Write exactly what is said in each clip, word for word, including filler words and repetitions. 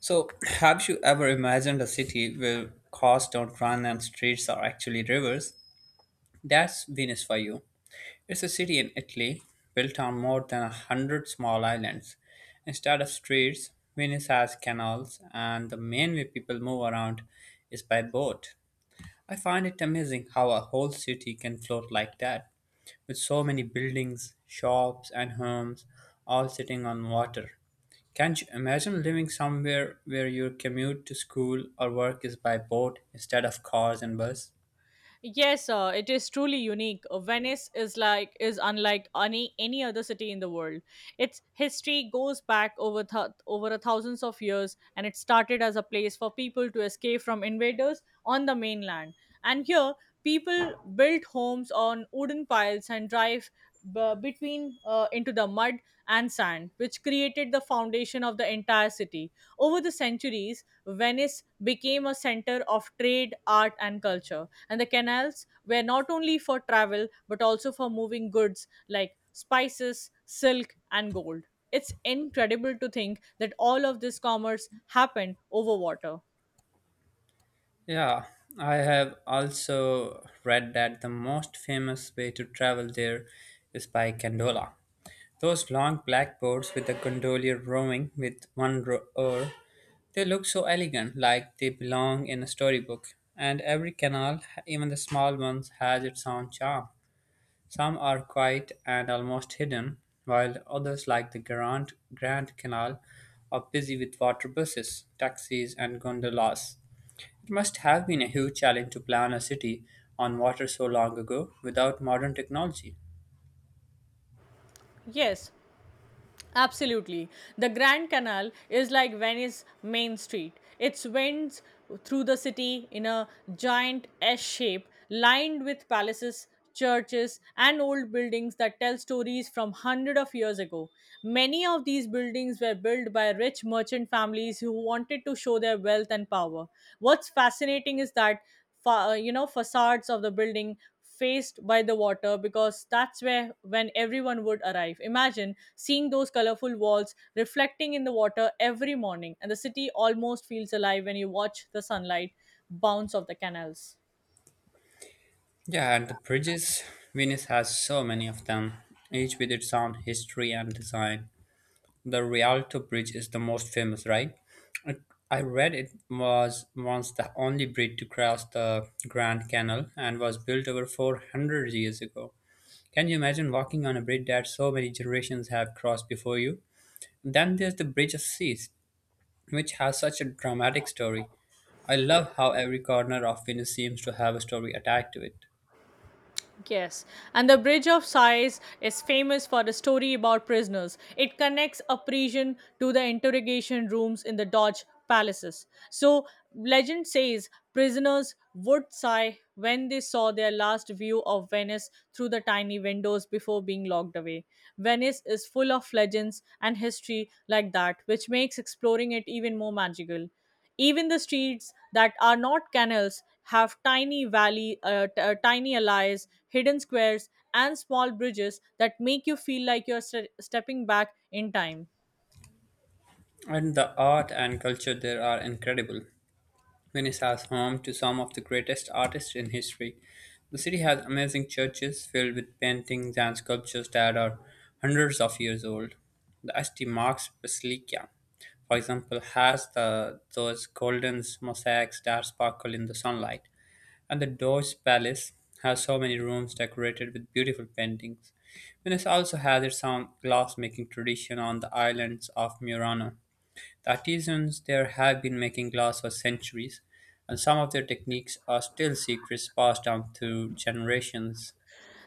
So, have you ever imagined a city where cars don't run and streets are actually rivers? That's Venice for you. It's a city in Italy built on more than a hundred small islands. Instead of streets, Venice has canals, and the main way people move around is by boat. I find it amazing how a whole city can float like that with so many buildings, shops, and homes all sitting on water. Can't you imagine living somewhere where your commute to school or work is by boat instead of cars and bus? Yes, uh, it is truly unique. Uh, Venice is like is unlike any any other city in the world. Its history goes back over th- over a thousands of years, and it started as a place for people to escape from invaders on the mainland. And here, people built homes on wooden piles and drive b- between uh, into the mud and sand, which created the foundation of the entire city. Over the centuries, Venice became a center of trade, art, and culture and the canals were not only for travel but also for moving goods like spices, silk, and gold. It's incredible to think that all of this commerce happened over water. Yeah, I have also read that the most famous way to travel there is by gondola. Those long black boats with the gondolier rowing with one rower. They look so elegant, like they belong in a storybook. And every canal, even the small ones, has its own charm. Some are quiet and almost hidden, while others, like the Grand, Grand Canal, are busy with water buses, taxis, and gondolas. It must have been a huge challenge to plan a city on water so long ago without modern technology. Yes, absolutely. The Grand Canal is like Venice's main street. It winds through the city in a giant S shape, lined with palaces, churches, and old buildings that tell stories from hundreds of years ago. Many of these buildings were built by rich merchant families who wanted to show their wealth and power. What's fascinating is that fa- uh, you know facades of the building faced by the water, because that's where when everyone would arrive. Imagine seeing those colorful walls reflecting in the water every morning, and the city almost feels alive when you watch the sunlight bounce off the canals. Yeah, and the bridges, Venice has so many of them, each with its own history and design. The Rialto Bridge is the most famous, right? I I read it was once the only bridge to cross the Grand Canal and was built over four hundred years ago. Can you imagine walking on a bridge that so many generations have crossed before you? Then there's the Bridge of Seas, which has such a dramatic story. I love how every corner of Venice seems to have a story attached to it. Yes, and the Bridge of Sighs is famous for the story about prisoners. It connects a prison to the interrogation rooms in the Dodge palaces. So, legend says prisoners would sigh when they saw their last view of Venice through the tiny windows before being locked away. Venice is full of legends and history like that, which makes exploring it even more magical. Even the streets that are not canals have tiny valley, uh, t- uh, tiny alleys, hidden squares, and small bridges that make you feel like you're st- stepping back in time. And the art and culture there are incredible. Venice has home to some of the greatest artists in history. The city has amazing churches filled with paintings and sculptures that are hundreds of years old. The Asti Marks Basilica, for example, has the, those golden mosaics that sparkle in the sunlight. And the Doge Palace has so many rooms decorated with beautiful paintings. Venice also has its own glassmaking tradition on the islands of Murano. The artisans there have been making glass for centuries, and some of their techniques are still secrets passed down through generations.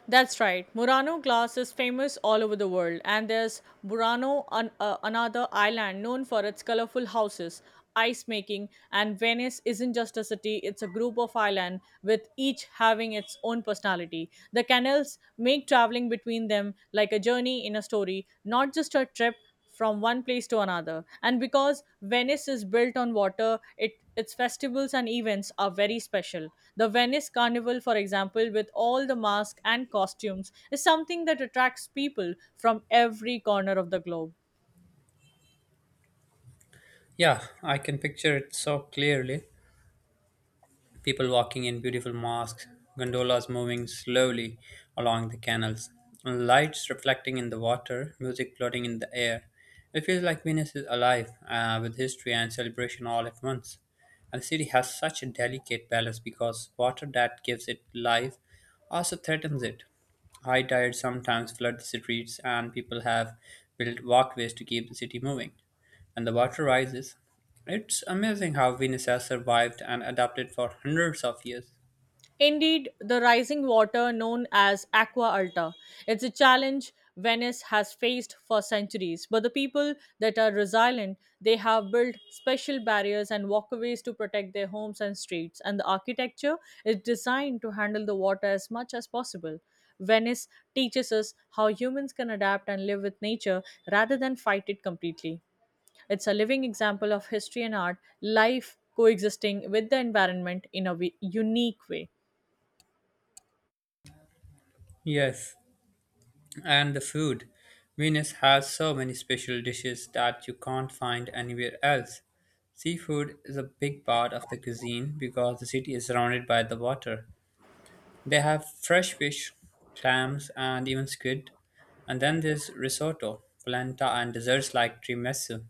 That's right. Murano glass is famous all over the world, and there's Murano, an, uh, another island known for its colorful houses, ice making, and Venice isn't just a city, it's a group of islands with each having its own personality. The canals make traveling between them like a journey in a story, not just a trip from one place to another. And because Venice is built on water, it its festivals and events are very special. The Venice Carnival, for example, with all the masks and costumes, is something that attracts people from every corner of the globe. Yeah, I can picture it so clearly. People walking in beautiful masks, gondolas moving slowly along the canals, lights reflecting in the water, music floating in the air. It feels like Venice is alive uh, with history and celebration all at once. And the city has such a delicate balance because water that gives it life also threatens it. High tides sometimes flood the streets, and people have built walkways to keep the city moving and the water rises. It's amazing how Venus has survived and adapted for hundreds of years. Indeed, the rising water known as aqua alta is a challenge Venice has faced for centuries. But the people that are resilient, they have built special barriers and walkways to protect their homes and streets, and the architecture is designed to handle the water as much as possible. Venice teaches us how humans can adapt and live with nature rather than fight it completely. It's a living example of history and art, life coexisting with the environment in a wi- unique way. Yes, and the food. Venus has so many special dishes that you can't find anywhere else. Seafood is a big part of the cuisine because the city is surrounded by the water. They have fresh fish, clams, and even squid. And then there's risotto, polenta, and desserts like tiramisu.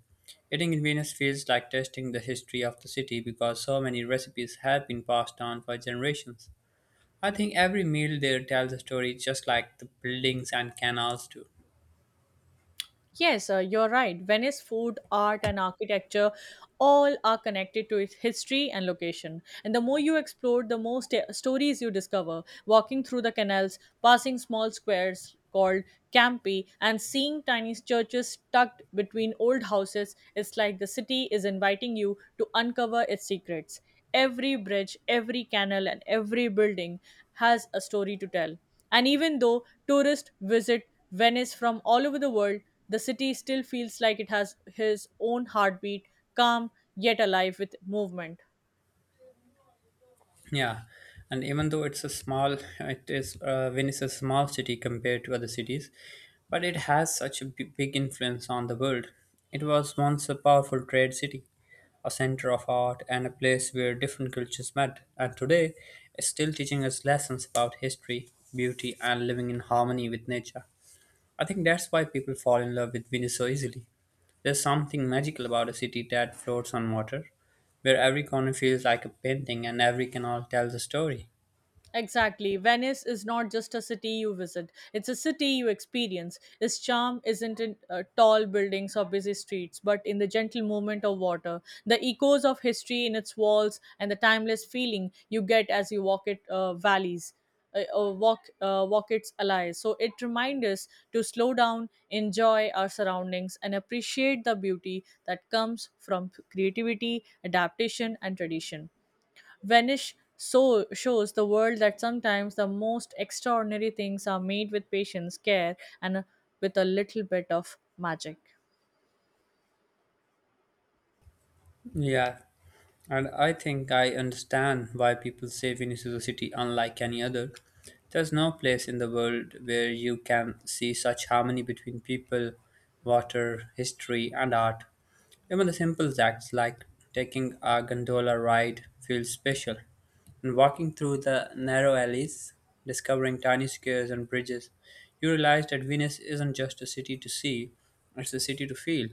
Eating in Venice feels like tasting the history of the city because so many recipes have been passed down for generations. I think every meal there tells a story just like the buildings and canals do. Yes, uh, you're right. Venice food, art, and architecture all are connected to its history and location. And the more you explore, the more sta- stories you discover. Walking through the canals, passing small squares called campi, and seeing tiny churches tucked between old houses, it's like the city is inviting you to uncover its secrets. Every bridge, every canal, and every building has a story to tell. And even though tourists visit Venice from all over the world, the city still feels like it has his own heartbeat, calm yet alive with movement. Yeah, and even though it's a small, it is uh, Venice is a small city compared to other cities, but it has such a b- big influence on the world. It was once a powerful trade city, a center of art, and a place where different cultures met. And today, it's still teaching us lessons about history, beauty, and living in harmony with nature. I think that's why people fall in love with Venice so easily. There's something magical about a city that floats on water, where every corner feels like a painting and every canal tells a story. Exactly. Venice is not just a city you visit, it's a city you experience. Its charm isn't in uh, tall buildings or busy streets, but in the gentle movement of water, the echoes of history in its walls, and the timeless feeling you get as you walk it uh, valleys. Uh, uh, walk, uh, walk its allies. So it reminds us to slow down, enjoy our surroundings, and appreciate the beauty that comes from creativity, adaptation, and tradition. Vanish so shows the world that sometimes the most extraordinary things are made with patience, care, and with a little bit of magic. Yeah, and I think I understand why people say Venice is a city unlike any other. There's no place in the world where you can see such harmony between people, water, history, and art. Even the simple acts like taking a gondola ride feels special. And walking through the narrow alleys, discovering tiny squares and bridges, you realize that Venice isn't just a city to see, it's a city to feel.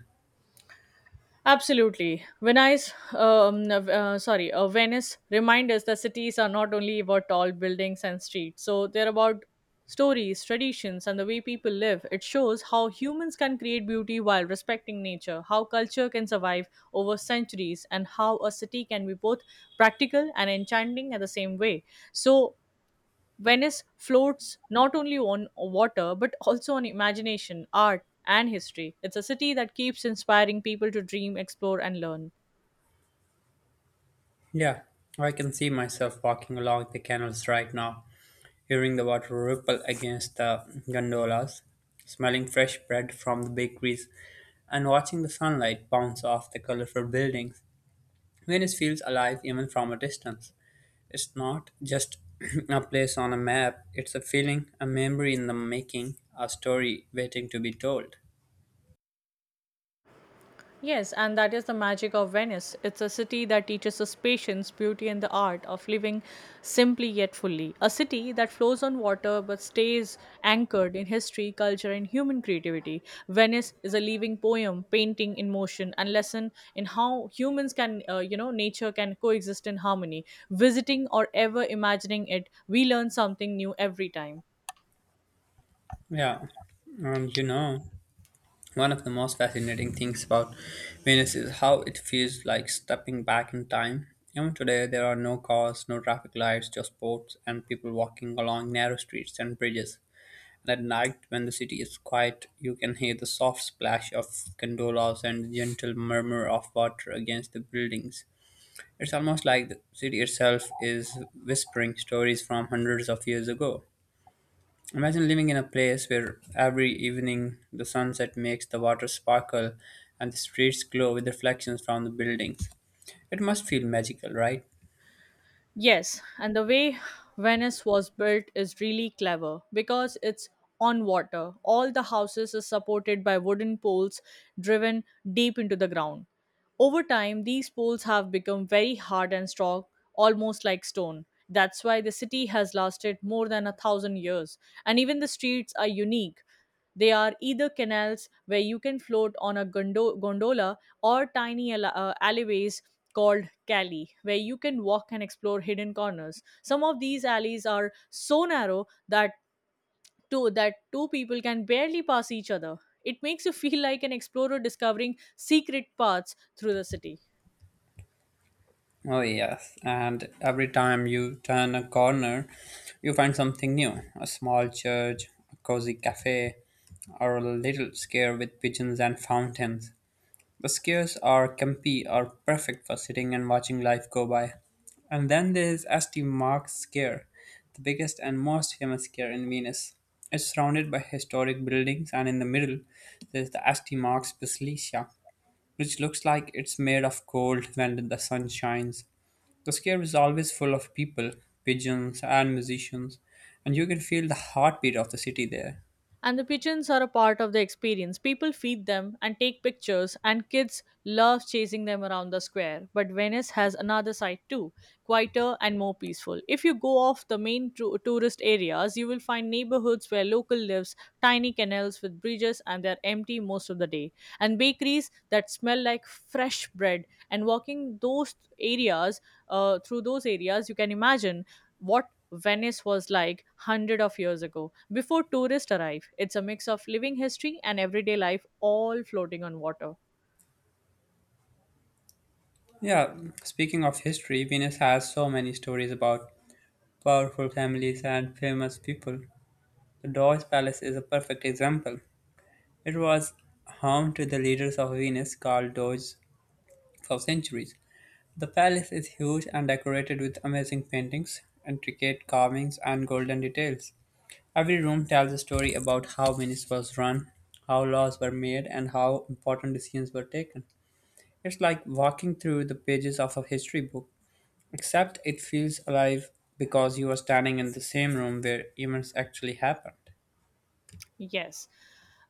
Absolutely. Venice, um, uh, sorry, uh, Venice remind us that cities are not only about tall buildings and streets. So they're about stories, traditions, and the way people live. It shows how humans can create beauty while respecting nature, how culture can survive over centuries, and how a city can be both practical and enchanting at the same way. So Venice floats not only on water but also on imagination, art, and history. It's a city that keeps inspiring people to dream, explore, and learn. Yeah, I can see myself walking along the canals right now, hearing the water ripple against the gondolas, smelling fresh bread from the bakeries, and watching the sunlight bounce off the colorful buildings. Venice feels alive even from a distance. It's not just a place on a map, it's a feeling, a memory in the making, a story waiting to be told. Yes, and that is the magic of Venice. It's a city that teaches us patience, beauty, and the art of living simply yet fully. A city that flows on water but stays anchored in history, culture, and human creativity. Venice is a living poem, painting in motion, and lesson in how humans can, uh, you know, nature can coexist in harmony. Visiting or ever imagining it, we learn something new every time. Yeah, and you know, one of the most fascinating things about Venus is how it feels like stepping back in time. Even today, there are no cars, no traffic lights, just boats and people walking along narrow streets and bridges. And at night, when the city is quiet, you can hear the soft splash of gondolas and the gentle murmur of water against the buildings. It's almost like the city itself is whispering stories from hundreds of years ago. Imagine living in a place where every evening the sunset makes the water sparkle and the streets glow with reflections from the buildings. It must feel magical, right? Yes, and the way Venice was built is really clever because it's on water. All the houses are supported by wooden poles driven deep into the ground. Over time, these poles have become very hard and strong, almost like stone. That's why the city has lasted more than a thousand years, and even the streets are unique. They are either canals where you can float on a gondo- gondola or tiny alle- uh, alleyways called cali where you can walk and explore hidden corners. Some of these alleys are so narrow that two that two people can barely pass each other. It makes you feel like an explorer discovering secret paths through the city. Oh, yes. And every time you turn a corner, you find something new, a small church, a cozy cafe, or a little square with pigeons and fountains. The squares are campy are perfect for sitting and watching life go by. And then there is Saint Mark's Square, the biggest and most famous square in Venice. It's surrounded by historic buildings, and in the middle, there's the Saint Mark's Basilica, which looks like it's made of gold when the sun shines. The square is always full of people, pigeons, and musicians, and you can feel the heartbeat of the city there. And the pigeons are a part of the experience. People feed them and take pictures, and kids love chasing them around the square. But Venice has another side too, quieter and more peaceful. If you go off the main tou- tourist areas, you will find neighborhoods where local lives, tiny canals with bridges, and they're empty most of the day, and bakeries that smell like fresh bread. And walking those areas, uh, through those areas, you can imagine what Venice was like hundred of years ago before tourists arrive. It's a mix of living history and everyday life, all floating on water. Yeah, speaking of history, Venus has so many stories about powerful families and famous people. The Doge Palace is a perfect example. It was home to the leaders of Venus, called Doges, for centuries. The palace is huge and decorated with amazing paintings, intricate carvings, and golden details. Every room tells a story about how Venice was run, how laws were made, and how important decisions were taken. It's like walking through the pages of a history book, except it feels alive because you are standing in the same room where events actually happened. Yes,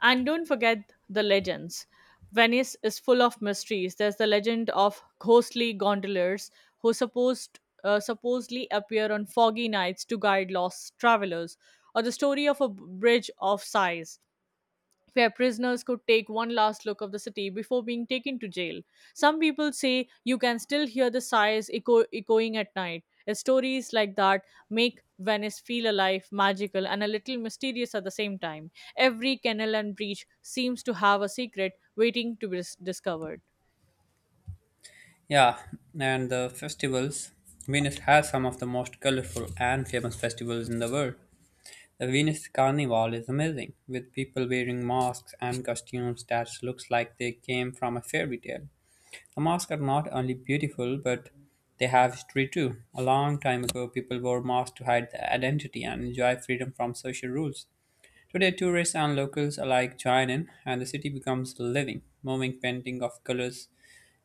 and don't forget the legends. Venice is full of mysteries. There's the legend of ghostly gondoliers who supposed uh, supposedly appear on foggy nights to guide lost travelers, or the story of a bridge of sighs where prisoners could take one last look of the city before being taken to jail. Some people say you can still hear the sighs echo- echoing at night. Stories like that make Venice feel alive, magical, and a little mysterious at the same time. Every kennel and breach seems to have a secret waiting to be dis- discovered. Yeah, and the festivals. Venice has some of the most colorful and famous festivals in the world. The Venice Carnival is amazing, with people wearing masks and costumes that looks like they came from a fairy tale. The masks are not only beautiful, but they have history too. A long time ago, people wore masks to hide their identity and enjoy freedom from social rules. Today, tourists and locals alike join in, and the city becomes living, moving painting of colors,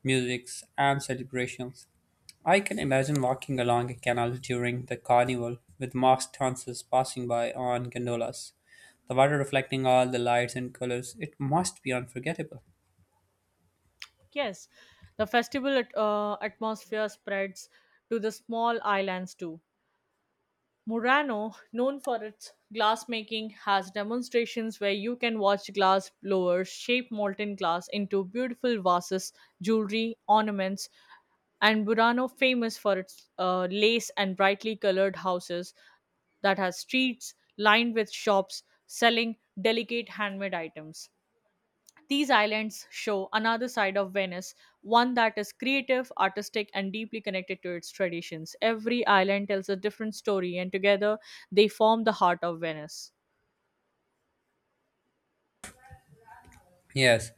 musics, and celebrations. I can imagine walking along a canal during the carnival with masked dancers passing by on gondolas, the water reflecting all the lights and colors. It must be unforgettable. Yes, the festival at- uh, atmosphere spreads to the small islands too. Murano, known for its glassmaking, has demonstrations where you can watch glass blowers shape molten glass into beautiful vases, jewelry, ornaments, and Burano, famous for its uh, lace and brightly colored houses that has streets lined with shops selling delicate handmade items. These islands show another side of Venice, one that is creative, artistic, and deeply connected to its traditions. Every island tells a different story, and together they form the heart of Venice. Yes,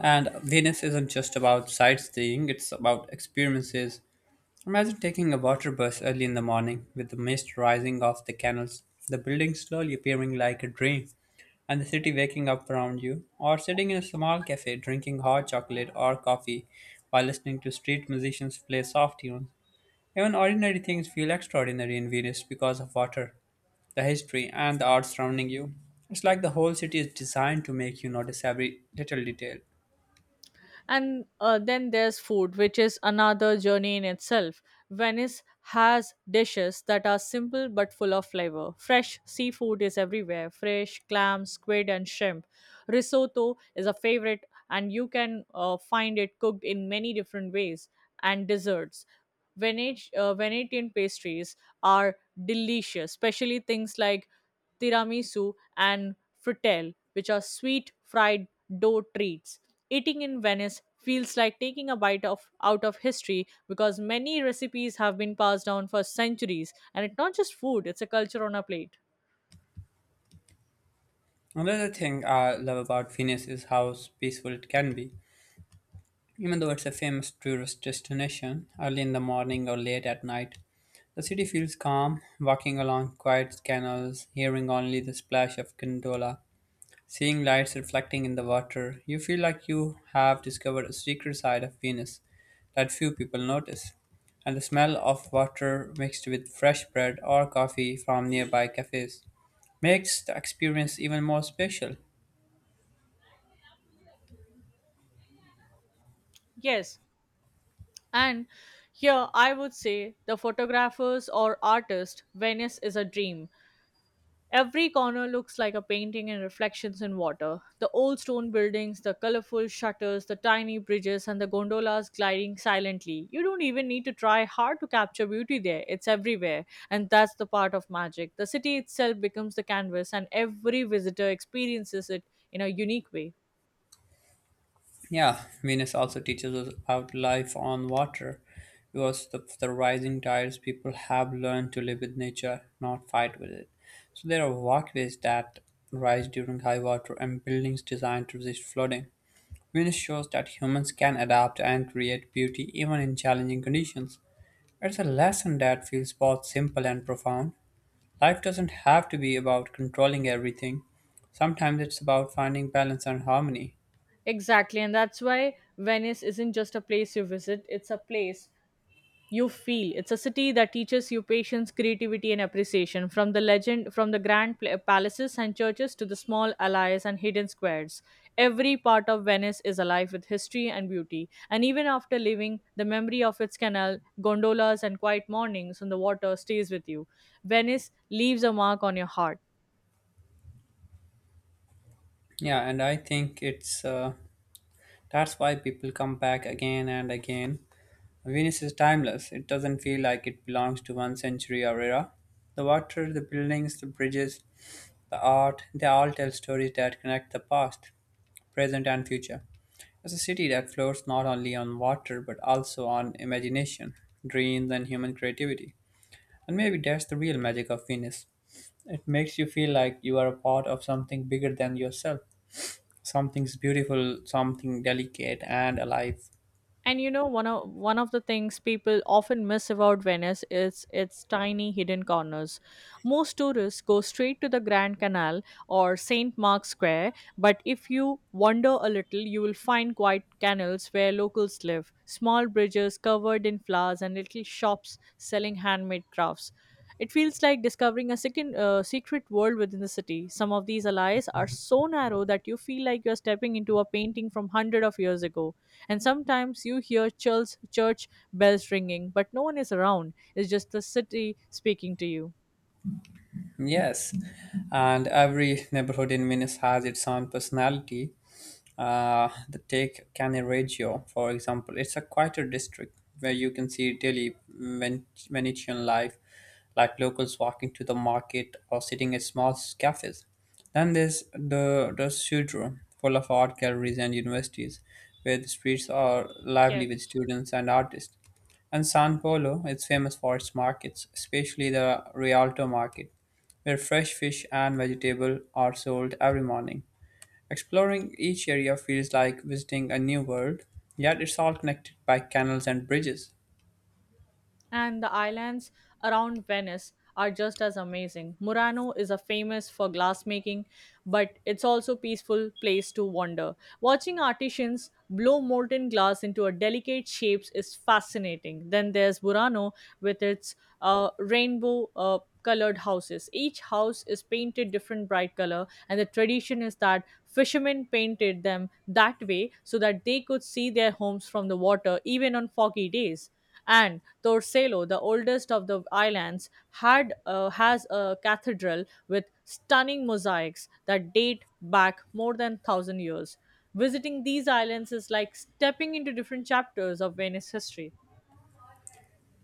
and Venice isn't just about sightseeing, it's about experiences. Imagine taking a water bus early in the morning with the mist rising off the canals, the buildings slowly appearing like a dream, and the city waking up around you, or sitting in a small cafe drinking hot chocolate or coffee while listening to street musicians play soft tunes. Even ordinary things feel extraordinary in Venus because of water, the history, and the art surrounding you. It's like the whole city is designed to make you notice every little detail. And uh, then there's food, which is another journey in itself. Venice has dishes that are simple but full of flavor. Fresh seafood is everywhere fresh clams, squid, and shrimp. Risotto is a favorite, and you can uh, find it cooked in many different ways. And desserts. Venetian, uh, Venetian pastries are delicious, especially things like tiramisu and frittelle, which are sweet fried dough treats. Eating in Venice feels like taking a bite of out of history because many recipes have been passed down for centuries, and it's not just food; it's a culture on a plate. Another thing I love about Venus is how peaceful it can be. Even though it's a famous tourist destination, early in the morning or late at night, the city feels calm, walking along quiet canals, hearing only the splash of gondola, seeing lights reflecting in the water. You feel like you have discovered a secret side of Venus that few people notice. And the smell of water mixed with fresh bread or coffee from nearby cafes makes the experience even more special. Yes, and here I would say the photographers or artist, Venice is a dream. Every corner looks like a painting and reflections in water. The old stone buildings, the colorful shutters, the tiny bridges, and the gondolas gliding silently. You don't even need to try hard to capture beauty there. It's everywhere. And that's the part of magic. The city itself becomes the canvas, and every visitor experiences it in a unique way. Yeah, Venus also teaches us about life on water because the, the rising tides people have learned to live with nature, not fight with it. So there are walkways that rise during high water and buildings designed to resist flooding. Venus shows that humans can adapt and create beauty even in challenging conditions. It's a lesson that feels both simple and profound. Life doesn't have to be about controlling everything. Sometimes it's about finding balance and harmony. Exactly. And that's why Venice isn't just a place you visit, it's a place you feel. It's a city that teaches you patience, creativity, and appreciation, from the legend from the grand pla- palaces and churches to the small alleys and hidden squares. Every part of Venice is alive with history and beauty, and even after leaving, the memory of its canal gondolas and quiet mornings on the water stays with you. Venice leaves a mark on your heart. Yeah, and I think it's uh, that's why people come back again and again. Venice is timeless. It doesn't feel like it belongs to one century or era. The water, the buildings, the bridges, the art, they all tell stories that connect the past, present, and future. It's a city that floats not only on water but also on imagination, dreams, and human creativity. And maybe that's the real magic of Venice. It makes you feel like you are a part of something bigger than yourself, something's beautiful, something delicate and alive. And you know, one of one of the things people often miss about Venice is its tiny hidden corners. Most tourists go straight to the Grand Canal or Saint Mark's Square, but if you wander a little, you will find quiet canals where locals live, small bridges covered in flowers, and little shops selling handmade crafts. It feels like discovering a second, uh, secret world within the city. Some of these alleys are so narrow that you feel like you're stepping into a painting from hundred of years ago. And sometimes you hear church, church bells ringing, but no one is around. It's just the city speaking to you. Yes, and every neighborhood in Venice has its own personality. Uh, the take Cannaregio, for example. It's a quieter district where you can see daily Ven- Venetian life, like locals walking to the market or sitting at small cafes. Then there's the the Sudro, full of art galleries and universities, where the streets are lively Yes. with students and artists. And San Polo is famous for its markets, especially the Rialto market, where fresh fish and vegetable are sold every morning. Exploring each area feels like visiting a new world, yet it's all connected by canals and bridges. And the islands around Venice are just as amazing. Murano is a famous for glassmaking, but it's also peaceful place to wander. Watching artisans blow molten glass into a delicate shapes is fascinating. Then there's Murano with its uh, rainbow uh, colored houses. Each house is painted different bright color, and the tradition is that fishermen painted them that way so that they could see their homes from the water even on foggy days. And Torcello, the oldest of the islands, had uh, has a cathedral with stunning mosaics that date back more than a thousand years. Visiting these islands is like stepping into different chapters of Venice history.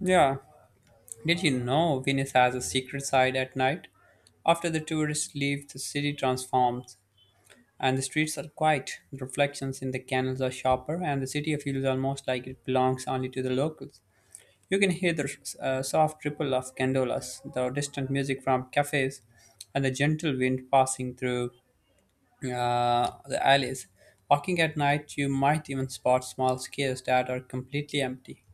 Yeah, did you know Venus has a secret side at night? After the tourists leave, the city transforms and the streets are quiet. The reflections in the canals are sharper, and the city feels almost like it belongs only to the locals. You can hear the uh, soft ripple of gondolas, the distant music from cafes, and the gentle wind passing through uh, the alleys. Walking at night, you might even spot small caves that are completely empty,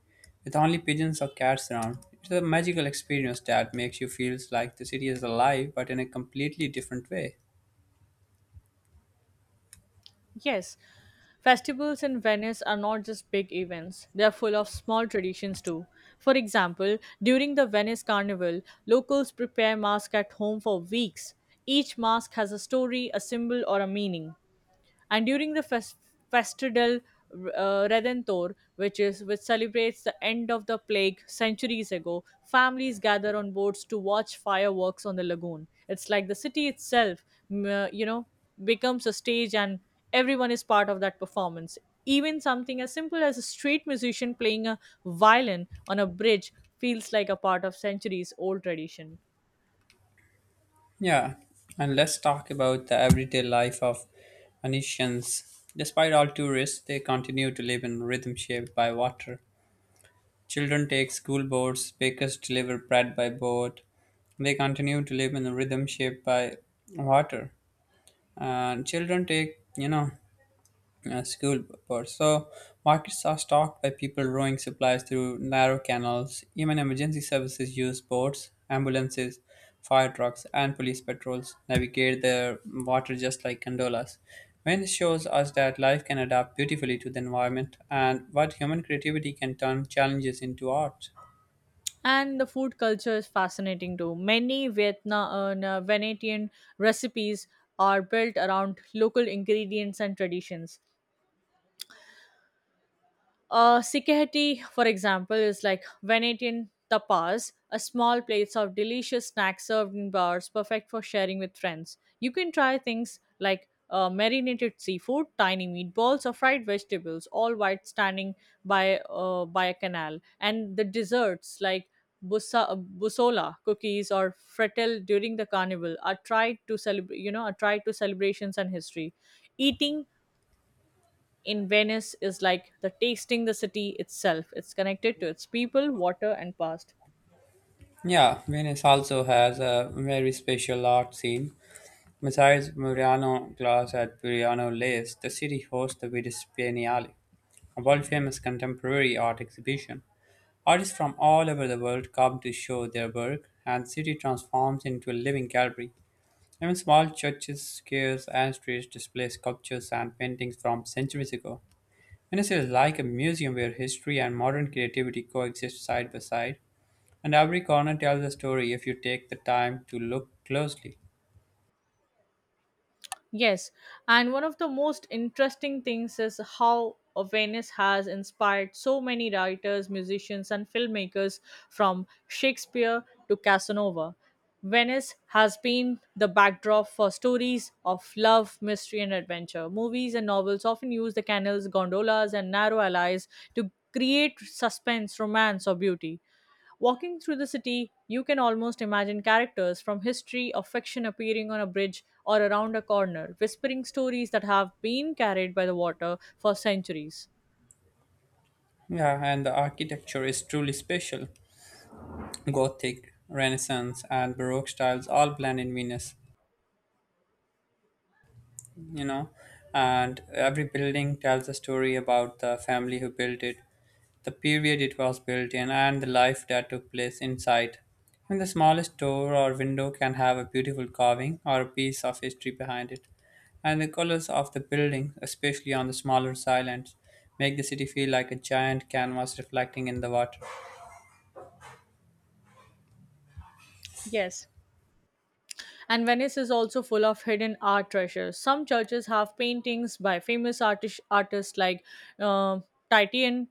with only pigeons or cats around. It's a magical experience that makes you feel like the city is alive, but in a completely different way. Yes. Festivals in Venice are not just big events, they are full of small traditions too. For example, during the Venice Carnival, locals prepare masks at home for weeks. Each mask has a story, a symbol, or a meaning. And during the fest- festival uh, Redentor, which is which celebrates the end of the plague centuries ago, families gather on boats to watch fireworks on the lagoon. It's like the city itself, mm, uh, you know, becomes a stage, and everyone is part of that performance. Even something as simple as a street musician playing a violin on a bridge feels like a part of centuries old tradition. Yeah, and let's talk about the everyday life of Venetians. Despite all tourists, they continue to live in rhythm shaped by water. Children take school boats, bakers deliver bread by boat. They continue to live in a rhythm shaped by water. And children take you know uh, school birds, so markets are stocked by people rowing supplies through narrow canals. Even emergency services use boats. Ambulances, fire trucks, and police patrols navigate the water just like gondolas. When it shows us that life can adapt beautifully to the environment and what human creativity can turn challenges into art. And the food culture is fascinating too. Many Vietnam uh, Venetian recipes are built around local ingredients and traditions. Uh, sikkheti, for example, is like Venetian tapas, a small plates of delicious snacks served in bars, perfect for sharing with friends. You can try things like uh, marinated seafood, tiny meatballs, or fried vegetables, all while standing by uh, by a canal. And the desserts like busa, uh, busola cookies or frettel during the carnival are tried to celebrate. You know, are tried to celebrations and history. Eating in Venice is like the tasting the city itself. It's connected to its people, water, and past. Yeah, Venice also has a very special art scene. Besides Murano Glass at Burano Lace, the city hosts the Venice, a world-famous contemporary art exhibition. Artists from all over the world come to show their work, and the city transforms into a living gallery. Even small churches, squares, and streets display sculptures and paintings from centuries ago. Venice is like a museum where history and modern creativity coexist side by side, and every corner tells a story if you take the time to look closely. Yes, and one of the most interesting things is how uh, Venice has inspired so many writers, musicians, and filmmakers from Shakespeare to Casanova. Venice has been the backdrop for stories of love, mystery, and adventure. Movies and novels often use the canals, gondolas, and narrow alleys to create suspense, romance, or beauty. Walking through the city, you can almost imagine characters from history or fiction appearing on a bridge or around a corner, whispering stories that have been carried by the water for centuries. Yeah, and the architecture is truly special. Gothic, Renaissance, and Baroque styles all blend in Venus, you know. And every building tells a story about the family who built it, the period it was built in, and the life that took place inside. Even the smallest door or window can have a beautiful carving or a piece of history behind it. And the colors of the building, especially on the smaller islands, make the city feel like a giant canvas reflecting in the water. Yes. And Venice is also full of hidden art treasures. Some churches have paintings by famous artis- artists like uh, Titian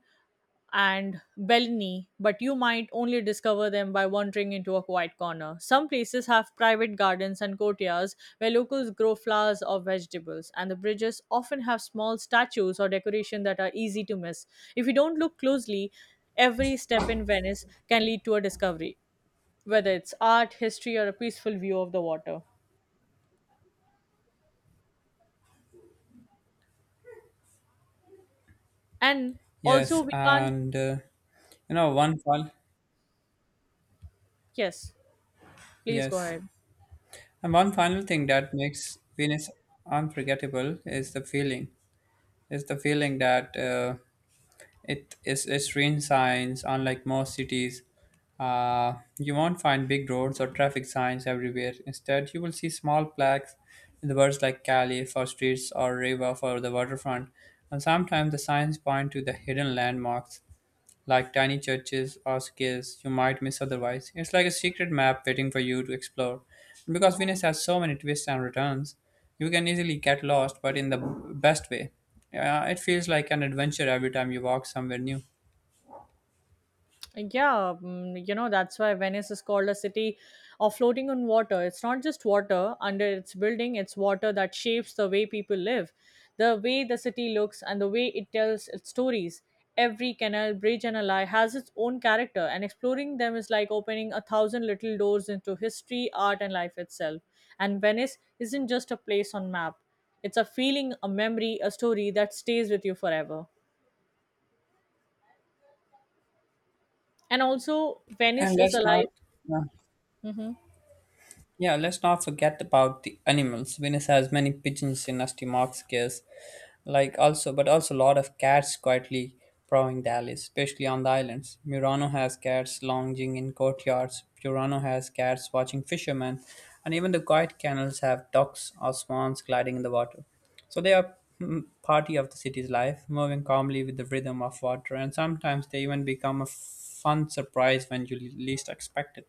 and Bellini, but you might only discover them by wandering into a quiet corner. Some places have private gardens and courtyards where locals grow flowers or vegetables, and the bridges often have small statues or decoration that are easy to miss. If you don't look closely, every step in Venice can lead to a discovery, whether it's art, history, or a peaceful view of the water. And also, Yes, we can't. and uh, you know, one fall. Yes, please go Yes. ahead. And one final thing that makes Venus unforgettable is the feeling. Is the feeling that uh, it is it's rain signs, unlike most cities. Uh, you won't find big roads or traffic signs everywhere. Instead, you will see small plaques with words like Cali for streets or Riva for the waterfront. And sometimes the signs point to the hidden landmarks like tiny churches or skills you might miss otherwise. It's like a secret map waiting for you to explore. And because Venus has so many twists and returns, you can easily get lost, but in the b- best way. Uh, it feels like an adventure every time you walk somewhere new. Yeah, mm, you know, that's why Venice is called a city of floating on water. It's not just water under its building, it's water that shapes the way people live, the way the city looks, and the way it tells its stories. Every canal, bridge, and alley has its own character, and exploring them is like opening a thousand little doors into history, art, and life itself. And Venice isn't just a place on map. It's a feeling, a memory, a story that stays with you forever. And also, And Venice is let's not, alive. uh, Mhm. yeah, let's not forget about the animals. Venus has many pigeons in Nastimark's case, like also but also a lot of cats quietly prowling Dallas, especially on the islands. Murano has cats lounging in courtyards, Purano has cats watching fishermen, and even the quiet canals have ducks or swans gliding in the water. So they are mm, party of the city's life, moving calmly with the rhythm of water, and sometimes they even become a fun surprise when you least expect it.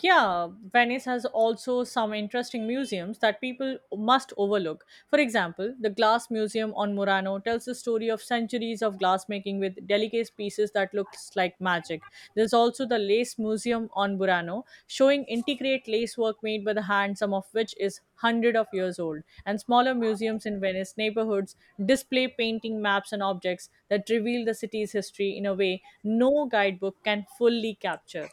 Yeah, Venice has also some interesting museums that people must overlook. For example, the Glass Museum on Murano tells the story of centuries of glassmaking with delicate pieces that looks like magic. There's also the Lace Museum on Murano, showing intricate lace work made by the hand, some of which is hundred of years old. And smaller museums in Venice neighborhoods display painting maps and objects that reveal the city's history in a way no guidebook can fully capture.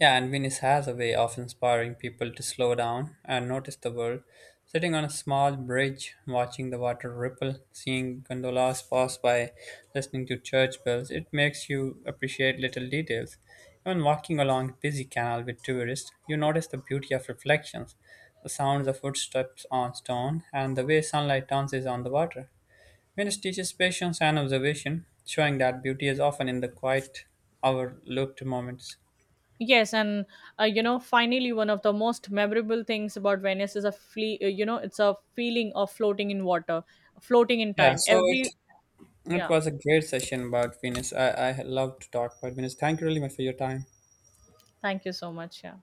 Yeah, and Venice has a way of inspiring people to slow down and notice the world. Sitting on a small bridge, watching the water ripple, seeing gondolas pass by, listening to church bells, it makes you appreciate little details. Even walking along a busy canal with tourists, you notice the beauty of reflections, the sounds of footsteps on stone, and the way sunlight dances on the water. Venice teaches patience and observation, showing that beauty is often in the quiet, overlooked moments. Yes, and uh, you know, finally, one of the most memorable things about Venice is a fle- uh, you know, it's a feeling of floating in water, floating in Yeah, time. so it Every It yeah, was a great session about Venus. I, I love to talk about Venus. Thank you really much for your time. thank you so much. Yeah.